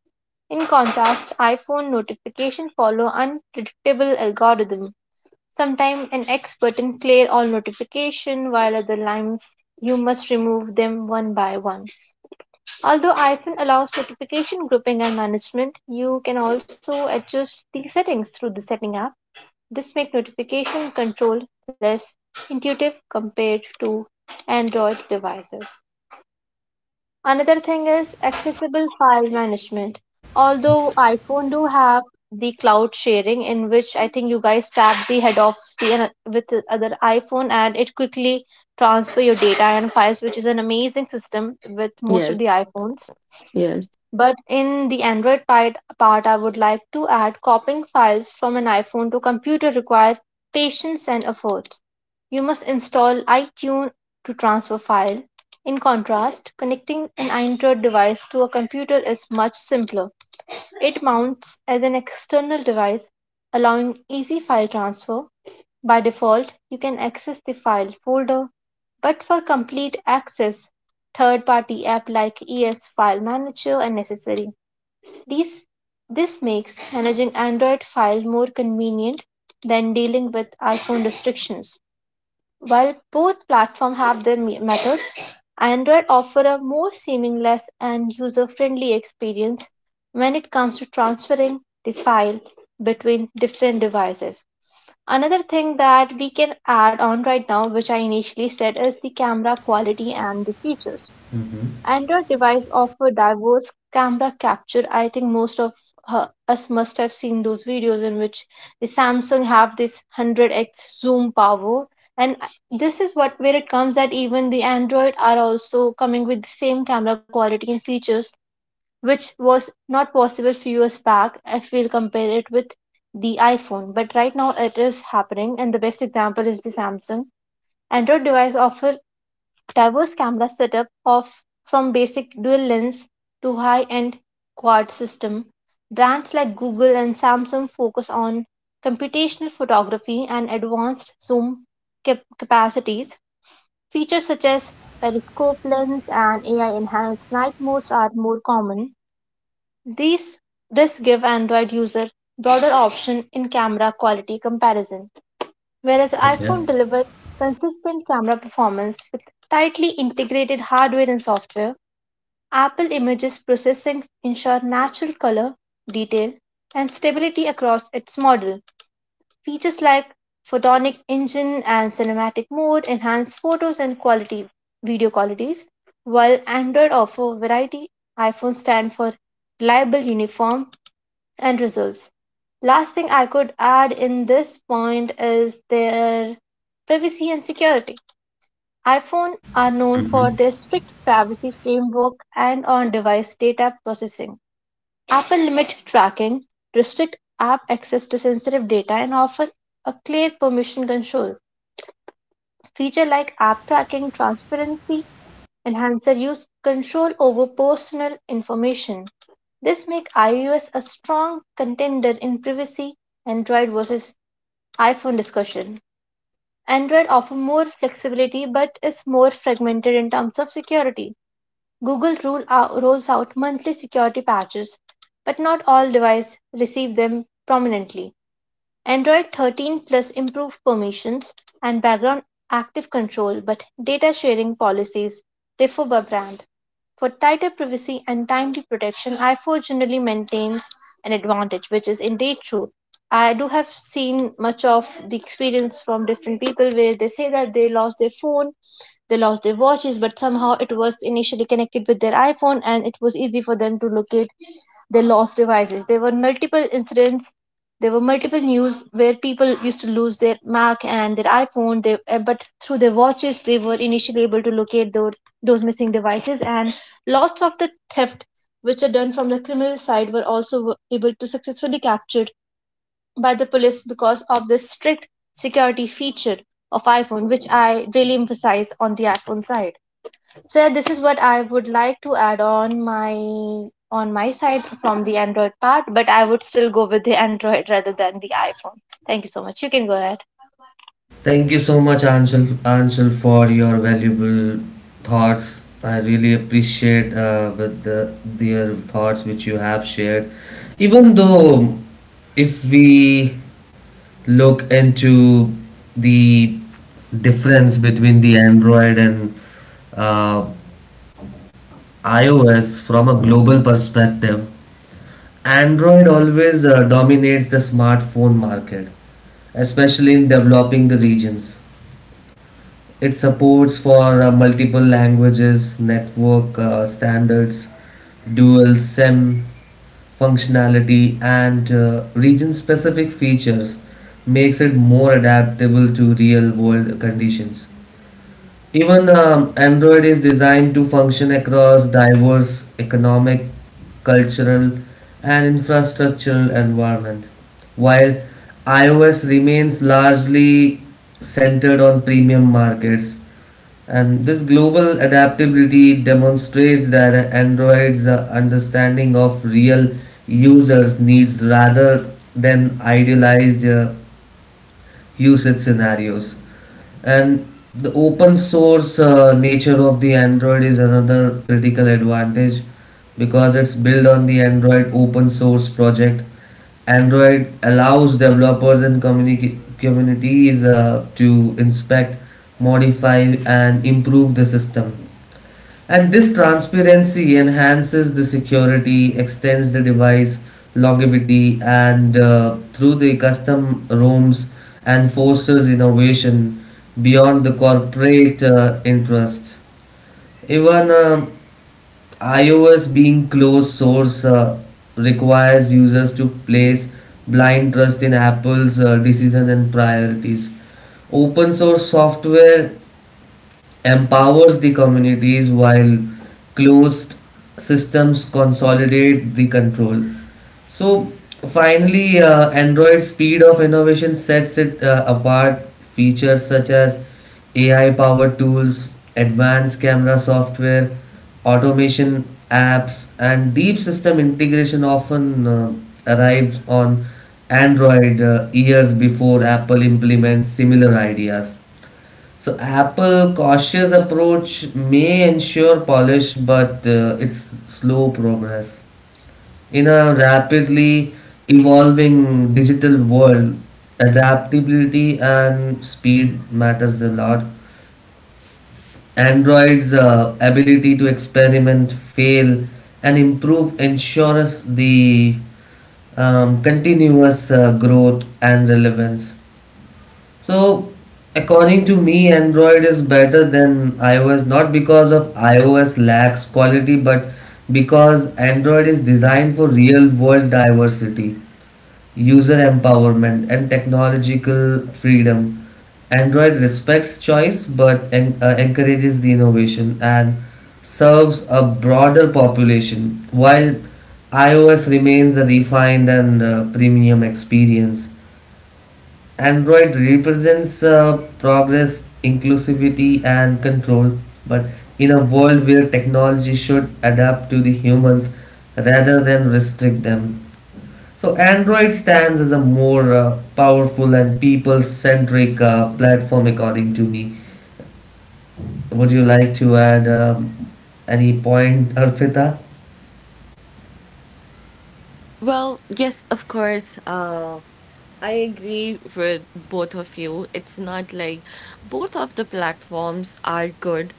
Speaker 2: In contrast, iPhone notifications follow unpredictable algorithm. Sometimes an X button clear all notification, while other lines you must remove them one by one. Although iPhone allows notification grouping and management, you can also adjust these settings through the setting app. This makes notification control less intuitive compared to Android devices. Another thing is accessible file management. Although iPhone do have the cloud sharing in which I think you guys tap the head of the ano- with the other iPhone and it quickly transfer your data and files, which is an amazing system with most of the
Speaker 3: yes,
Speaker 2: iPhones.
Speaker 3: yes.
Speaker 2: But in the Android part, part, I would like to add, copying files from an iPhone to computer requires patience and effort. You must install iTunes to transfer file. In contrast, connecting an Android device to a computer is much simpler. It mounts as an external device, allowing easy file transfer. By default, you can access the file folder, but for complete access, third party app like E S File Manager are necessary. These, this makes managing Android file more convenient than dealing with iPhone restrictions. While both platforms have their me- method, Android offers a more seamless and user-friendly experience when it comes to transferring the file between different devices. Another thing that we can add on right now, which I initially said, is the camera quality and the features. Android device offer diverse camera capture. I think most of uh, us must have seen those videos in which the Samsung have this one hundred x zoom power. And I- this is what where it comes that even the Android are also coming with the same camera quality and features, which was not possible few years back if we'll compare it with the iPhone. But right now it is happening, and the best example is the Samsung. Android device offer diverse camera setup of from basic dual lens to high end quad system. Brands like Google and Samsung focus on computational photography and advanced zoom cap- capacities. Features such as periscope lens and AI enhanced night modes are more common. These this give Android user broader option in camera quality comparison, whereas
Speaker 1: Okay.
Speaker 2: iPhone delivers consistent camera performance with tightly integrated hardware and software. Apple Images processing ensure natural color, detail, and stability across its model. Features like photonic engine and cinematic mode enhance photos and quality video qualities. While Android offers variety, iPhone stand for reliable uniform and results. Last thing I could add in this point is their privacy and security. iPhone are known for their strict privacy framework and on-device data processing. Apple limit tracking, restrict app access to sensitive data and offer a clear permission control. Feature like app tracking, transparency, enhancer use control over personal information. This make iOS a strong contender in privacy Android versus iPhone discussion. Android offers more flexibility but is more fragmented in terms of security. Google rule ou- rolls out monthly security patches, but not all devices receive them prominently. Android thirteen Plus improved permissions and background active control, but data sharing policies differ by brand. For tighter privacy and timely protection, iPhone generally maintains an advantage, which is indeed true. I do have seen much of the experience from different people where they say that they lost their phone, they lost their watches, but somehow it was initially connected with their iPhone and it was easy for them to locate their lost devices. There were multiple incidents, there were multiple news where people used to lose their Mac and their iPhone, they, uh, but through their watches, they were initially able to locate those, those missing devices, and lots of the theft which are done from the criminal side were also able to successfully capture by the police because of this strict security feature of iPhone, which I really emphasize on the iPhone side. So yeah, this is what I would like to add on my on my side from the Android part, but I would still go with the Android rather than the iPhone. Thank you so much. You can go ahead.
Speaker 1: Thank you so much, Anshul, Anshul for your valuable thoughts. I really appreciate uh, with the their thoughts which you have shared. Even though, if we look into the difference between the Android and uh, iOS from a global perspective, Android always uh, dominates the smartphone market, especially in developing the regions. It supports for uh, multiple languages, network uh, standards, dual SIM functionality, and uh, region specific features makes it more adaptable to real world conditions. Even um, Android is designed to function across diverse economic, cultural, and infrastructural environment, while iOS remains largely centered on premium markets and this global adaptability demonstrates that Android's uh, understanding of real users' needs rather than idealized uh, usage scenarios and the open source uh, nature of the android is another critical advantage because it's built on the android open source project android allows developers and communi- communities uh, to inspect modify and improve the system and this transparency enhances the security, extends the device longevity, and uh, through the custom roms, and fosters innovation beyond the corporate uh, interest. Even uh, iOS being closed source uh, requires users to place blind trust in Apple's uh, decisions and priorities. Open source software empowers the communities while closed systems consolidate the control. So finally, uh, Android's speed of innovation sets it uh, apart. Features such as A I powered tools, advanced camera software, automation apps, and deep system integration often uh, arrives on Android uh, years before Apple implements similar ideas. So Apple's cautious approach may ensure polish, but uh, it's slow progress. In a rapidly evolving digital world, adaptability and speed matters a lot. Android's uh, ability to experiment, fail, and improve ensures the um, continuous uh, growth and relevance. So, according to me, Android is better than iOS not because of iOS lacks quality, but because Android is designed for real world diversity, user empowerment, and technological freedom. Android respects choice but en- uh, encourages the innovation and serves a broader population, while iOS remains a refined and uh, premium experience. Android represents uh, progress, inclusivity, and control, but in a world where technology should adapt to the humans rather than restrict them. So, Android stands as a more uh, powerful and people centric uh, platform, according to me. Would you like to add um, any point, Arpita?
Speaker 3: Well, yes, of course. Uh, I agree with both of you. It's not like both of the platforms are good.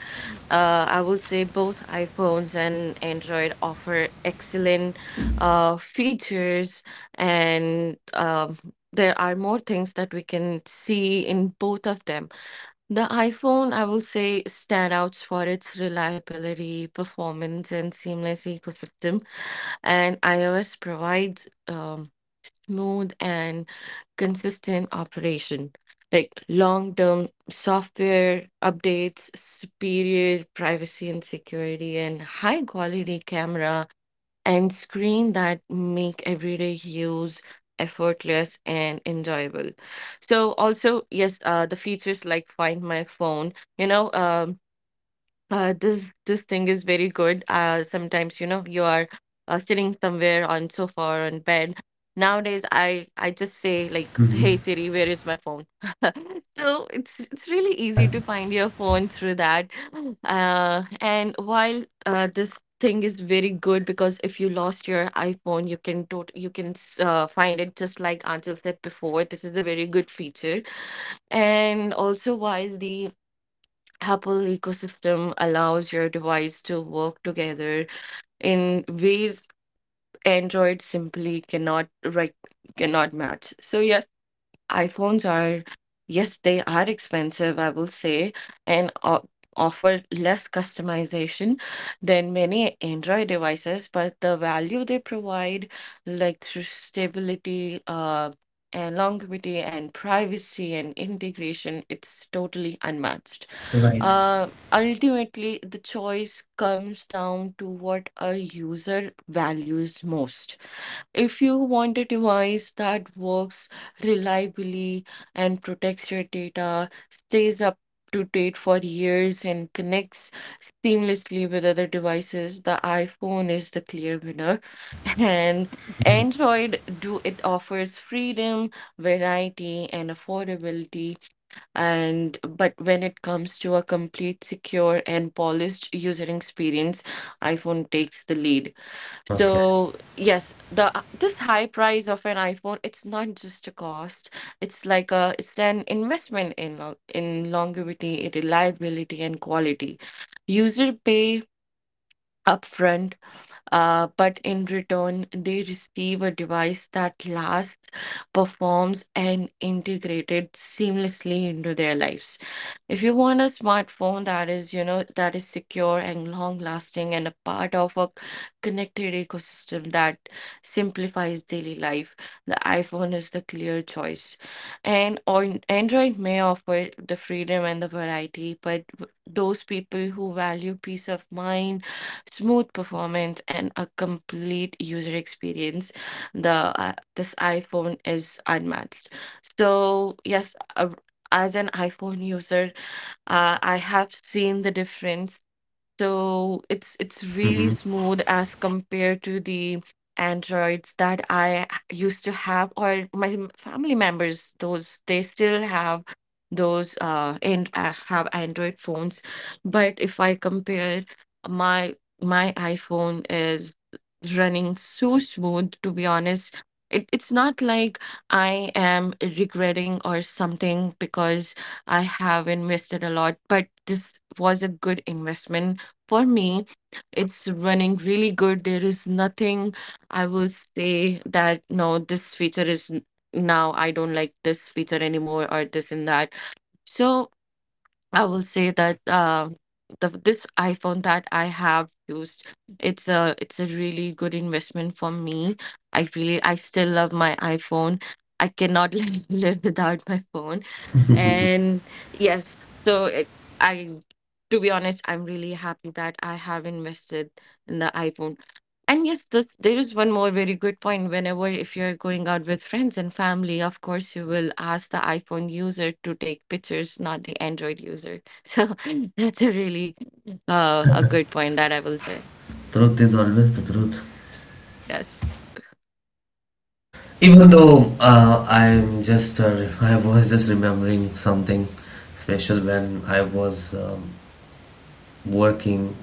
Speaker 3: Uh, I will say both iPhones and Android offer excellent uh, features, and um there are more things that we can see in both of them. The iPhone, I will say, standouts for its reliability, performance, and seamless ecosystem, and iOS provides um smooth and consistent operation, like long-term software updates, superior privacy and security, and high-quality camera and screen that make everyday use effortless and enjoyable. So also, yes, uh, the features like Find My Phone, you know, um. Uh, this this thing is very good. Uh, sometimes you know you are uh, sitting somewhere on sofa or on bed. Nowadays, I I just say like, "Hey
Speaker 1: Hmm.
Speaker 3: Siri, where is my phone?" So it's it's really easy
Speaker 1: Yeah,
Speaker 3: to find your phone through that. Uh, and while uh, this thing is very good because if you lost your iPhone, you can tot you can s- uh, find it just like Anjal said before. This is a very good feature. And also, while the Apple ecosystem allows your device to work together in ways Android simply cannot right cannot match. So yes, iPhones are yes, they are expensive, I will say, and o- offer less customization than many Android devices, but the value they provide, like through stability, uh, and longevity and privacy and integration, it's totally unmatched.
Speaker 1: right.
Speaker 3: Uh, ultimately, the choice comes down to what a user values most. If you want a device that works reliably and protects your data, stays up to date for years, and connects seamlessly with other devices, the iPhone is the clear winner. And Android, do it offers freedom, variety, and affordability and but when it comes to a complete secure and polished user experience, iPhone takes the lead.
Speaker 1: Okay.
Speaker 3: So yes, the this high price of an iPhone, it's not just a cost, it's like a it's an investment in lo- in longevity reliability and quality. User pay upfront, uh, but in return, they receive a device that lasts, performs, and integrated seamlessly into their lives. If you want a smartphone that is, you know, that is secure and long lasting and a part of a connected ecosystem that simplifies daily life, the iPhone is the clear choice. And on Android may offer the freedom and the variety, but w- those people who value peace of mind smooth performance and a complete user experience, the uh, this iPhone is unmatched. So yes, uh, as an iPhone user, uh, I have seen the difference. So it's it's really smooth as compared to the Androids that I h- used to have, or my m- family members, those they still have those uh and uh, have Android phones. But if I compare my my iPhone is running so smooth, to be honest. It, it's not like I am regretting or something because I have invested a lot, but this was a good investment for me, it's running really good. There is nothing I will say that no, this feature is n- now I don't like this feature anymore or this and that. So I will say that uh, the this iPhone that I have used, it's a it's a really good investment for me. I really I still love my iPhone. I cannot live, live without my phone. And yes, so it, I to be honest, I'm really happy that I have invested in the iPhone. And yes, this, there is one more very good point. Whenever if you're going out with friends and family, of course you will ask the iPhone user to take pictures, not the Android user. So Mm. that's a really uh, a good point that I will say.
Speaker 1: Truth is always the truth.
Speaker 3: Yes.
Speaker 1: Even though uh, I'm just, uh, I was just remembering something special when I was um, working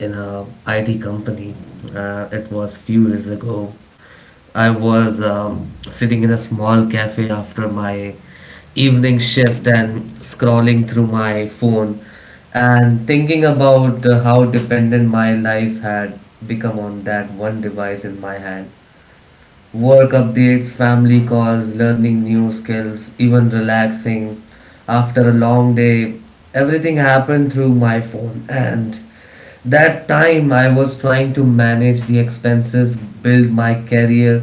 Speaker 1: in a I T company. Uh, it was few years ago. I was um, sitting in a small cafe after my evening shift and scrolling through my phone and thinking about uh, how dependent my life had become on that one device in my hand. Work updates, family calls, learning new skills, even relaxing after a long day. Everything happened through my phone, and that time I was trying to manage the expenses, build my career,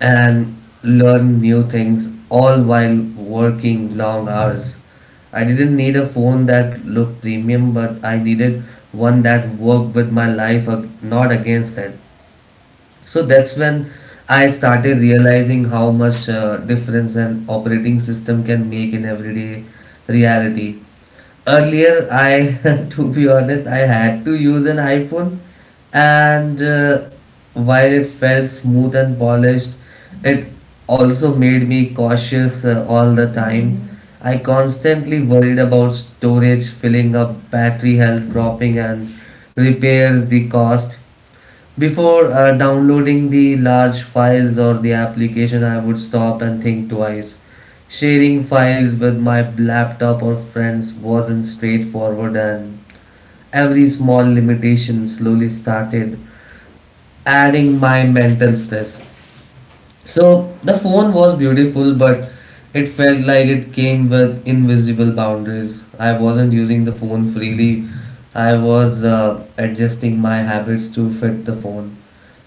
Speaker 1: and learn new things all while working long hours. I didn't need a phone that looked premium, but I needed one that worked with my life, ag- not against it. So that's when I started realizing how much uh, difference an operating system can make in everyday reality. Earlier I, to be honest, I had to use an iPhone, and uh, while it felt smooth and polished, it also made me cautious uh, all the time. I constantly worried about storage filling up, battery health dropping, and repairs the cost. Before uh, downloading the large files or the application, I would stop and think twice. Sharing files with my laptop or friends wasn't straightforward, and every small limitation slowly started adding my mental stress. So the phone was beautiful, but it felt like it came with invisible boundaries. I wasn't using the phone freely, I was uh, adjusting my habits to fit the phone.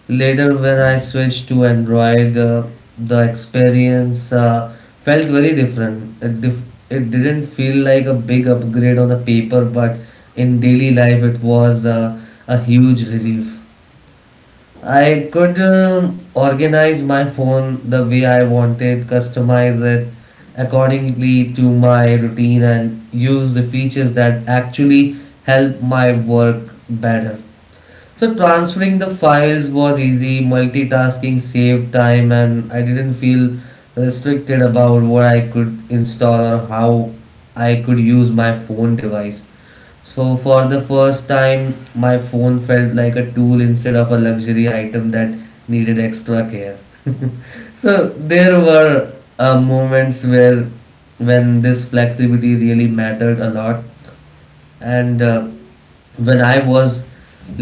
Speaker 1: Later, when I switched to Android, uh, the experience uh, felt very different. It, dif- it didn't feel like a big upgrade on the paper, but in daily life, it was uh, a huge relief. I could um, organize my phone the way I wanted, customize it accordingly to my routine, and use the features that actually help my work better. So, transferring the files was easy, multitasking saved time, and I didn't feel restricted about what I could install or how I could use my phone device. So for the first time, my phone felt like a tool instead of a luxury item that needed extra care. So there were uh, moments where when this flexibility really mattered a lot, and uh, when I was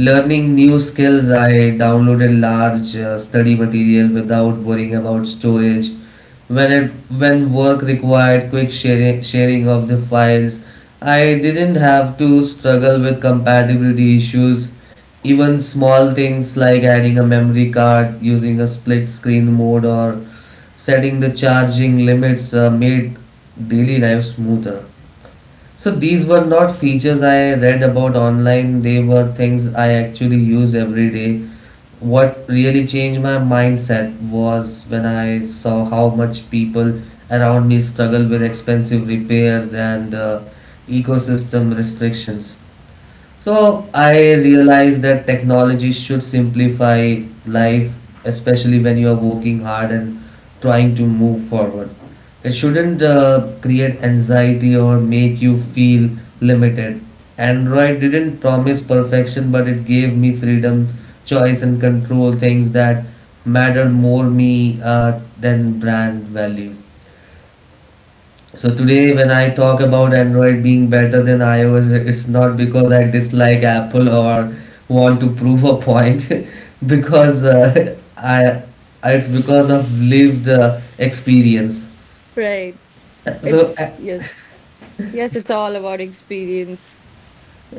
Speaker 1: learning new skills, I downloaded large uh, study material without worrying about storage. When it when work required quick sharing, sharing of the files, I didn't have to struggle with compatibility issues. Even small things like adding a memory card, using a split screen mode, or setting the charging limits uh, made daily life smoother. So these were not features I read about online, they were things I actually use every day. What really changed my mindset was when I saw how much people around me struggle with expensive repairs and uh, ecosystem restrictions. So I realize that technology should simplify life, especially when you are working hard and trying to move forward. It shouldn't uh, create anxiety or make you feel limited. Android didn't promise perfection, but it gave me freedom, choice, and control, things that mattered more me uh, than brand value. So today when I talk about Android being better than iOS, it's not because I dislike Apple or want to prove a point, because uh, I it's because of lived uh, experience.
Speaker 3: Right.
Speaker 1: So
Speaker 3: It's yes. Yes, it's all about experience.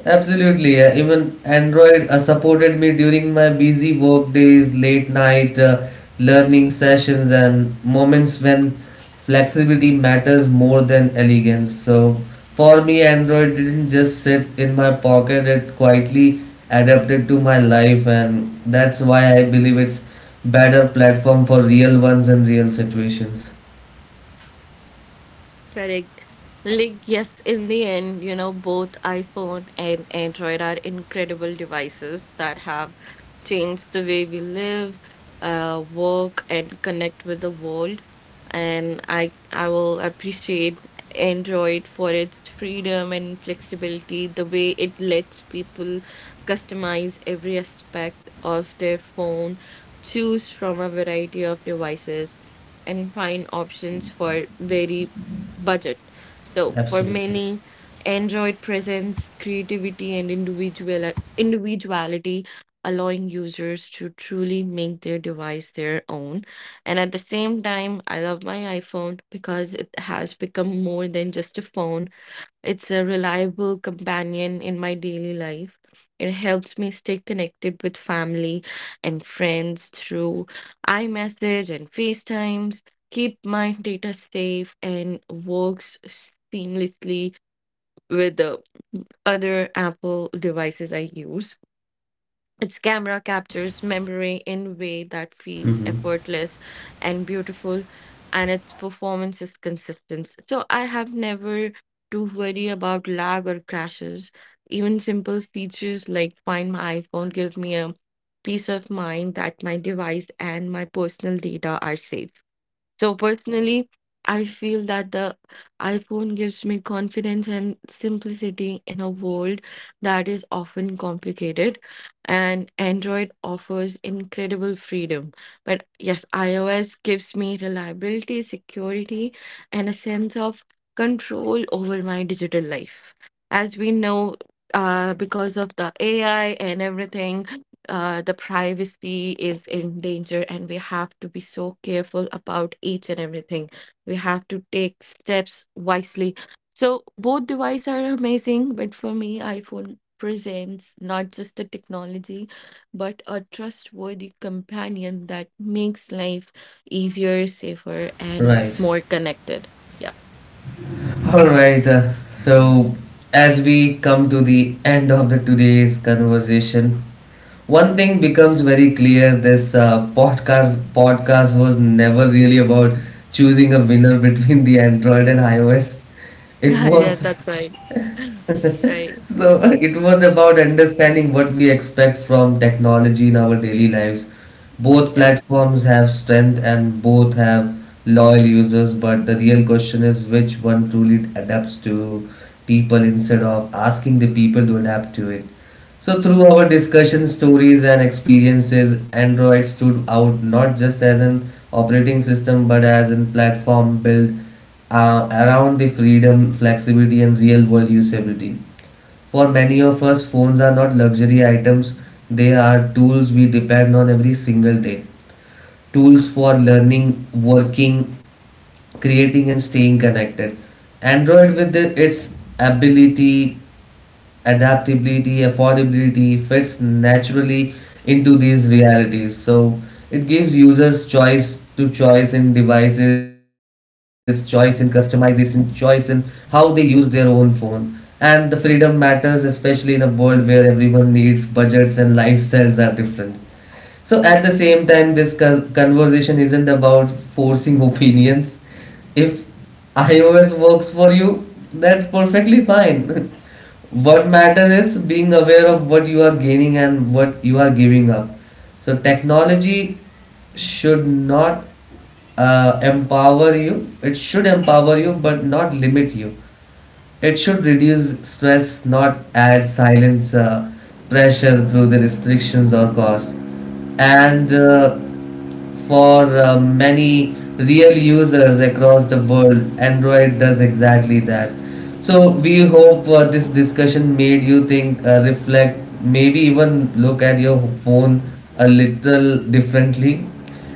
Speaker 1: absolutely. Uh, even Android uh, supported me during my busy work days, late night uh, learning sessions, and moments when flexibility matters more than elegance. So, for me, Android didn't just sit in my pocket, it quietly adapted to my life, and that's why I believe it's better platform for real ones and real situations.
Speaker 3: Correct. Like, yes, in the end, you know, both iPhone and Android are incredible devices that have changed the way we live, uh, work, and connect with the world. And I, I will appreciate Android for its freedom and flexibility, the way it lets people customize every aspect of their phone, choose from a variety of devices and find options for very budget. So for
Speaker 1: Absolutely.
Speaker 3: many, Android presents creativity and individual individuality, allowing users to truly make their device their own. And at the same time, I love my iPhone because it has become more than just a phone. It's a reliable companion in my daily life. It helps me stay connected with family and friends through iMessage and FaceTimes, keep my data safe, and works seamlessly with the other Apple devices I use. Its camera captures memory in a way that feels
Speaker 1: Mm-hmm.
Speaker 3: effortless and beautiful, and its performance is consistent. So I have never to worry about lag or crashes. Even simple features like Find My iPhone give me a peace of mind that my device and my personal data are safe. So personally, I feel that the iPhone gives me confidence and simplicity in a world that is often complicated, and Android offers incredible freedom. But yes, iOS gives me reliability, security, and a sense of control over my digital life. As we know, uh, because of the A I and everything, uh, the privacy is in danger and we have to be so careful about each and everything. We have to take steps wisely. So both devices are amazing, but for me, iPhone presents not just the technology, but a trustworthy companion that makes life easier, safer, and
Speaker 1: Right.
Speaker 3: more connected. Yeah.
Speaker 1: All right, uh, so as we come to the end of the today's conversation, one thing becomes very clear: this uh, podcast podcast was never really about choosing a winner between the Android and iOS. It
Speaker 3: Yeah,
Speaker 1: was
Speaker 3: that's right. Right.
Speaker 1: So it was about understanding what we expect from technology in our daily lives. Both
Speaker 3: Yeah.
Speaker 1: platforms have strength and both have loyal users, but the real question is which one truly adapts to people instead of asking the people to adapt to it. So, through our discussion, stories, and experiences, Android stood out not just as an operating system but as a platform built uh, around the freedom, flexibility, and real world usability. For many of us, phones are not luxury items, they are tools we depend on every single day, tools for learning, working, creating, and staying connected. Android, with the- its ability, adaptability, affordability, fits naturally into these realities. So it gives users choice, to choice in devices, choice in customization, choice in how they use their own phone. And the freedom matters, especially in a world where everyone needs budgets and lifestyles are different. So at the same time, this co- conversation isn't about forcing opinions. If iOS works for you, that's perfectly fine. What matters is being aware of what you are gaining and what you are giving up. So technology should not uh, empower you. It should empower you, but not limit you. It should reduce stress, not add silence, uh, pressure through the restrictions or cost. And uh, for uh, many real users across the world, Android does exactly that. So we hope uh, this discussion made you think, uh, reflect, maybe even look at your phone a little differently.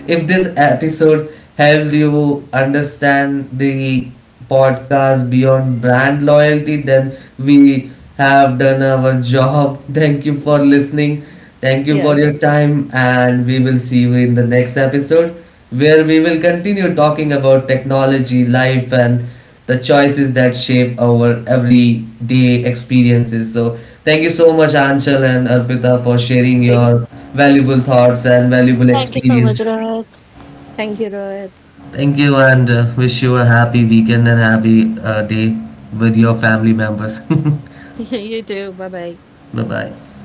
Speaker 1: If this episode helped you understand the podcast beyond brand loyalty, then we have done our job. Thank you for listening. Thank you for
Speaker 3: Yes.
Speaker 1: your time, and we will see you in the next episode where we will continue talking about technology, life, and the choices that shape our everyday experiences. So, thank you so much, Anshul and Arpita, for sharing
Speaker 3: Thank
Speaker 1: your valuable
Speaker 2: Thank you
Speaker 1: thoughts
Speaker 2: so much,
Speaker 1: and valuable
Speaker 2: Rohit.
Speaker 1: experiences.
Speaker 3: thank you, Rohit.
Speaker 1: Thank you, and uh, wish you a happy weekend and happy uh, day with your family members.
Speaker 3: You too. Bye bye.
Speaker 1: Bye bye.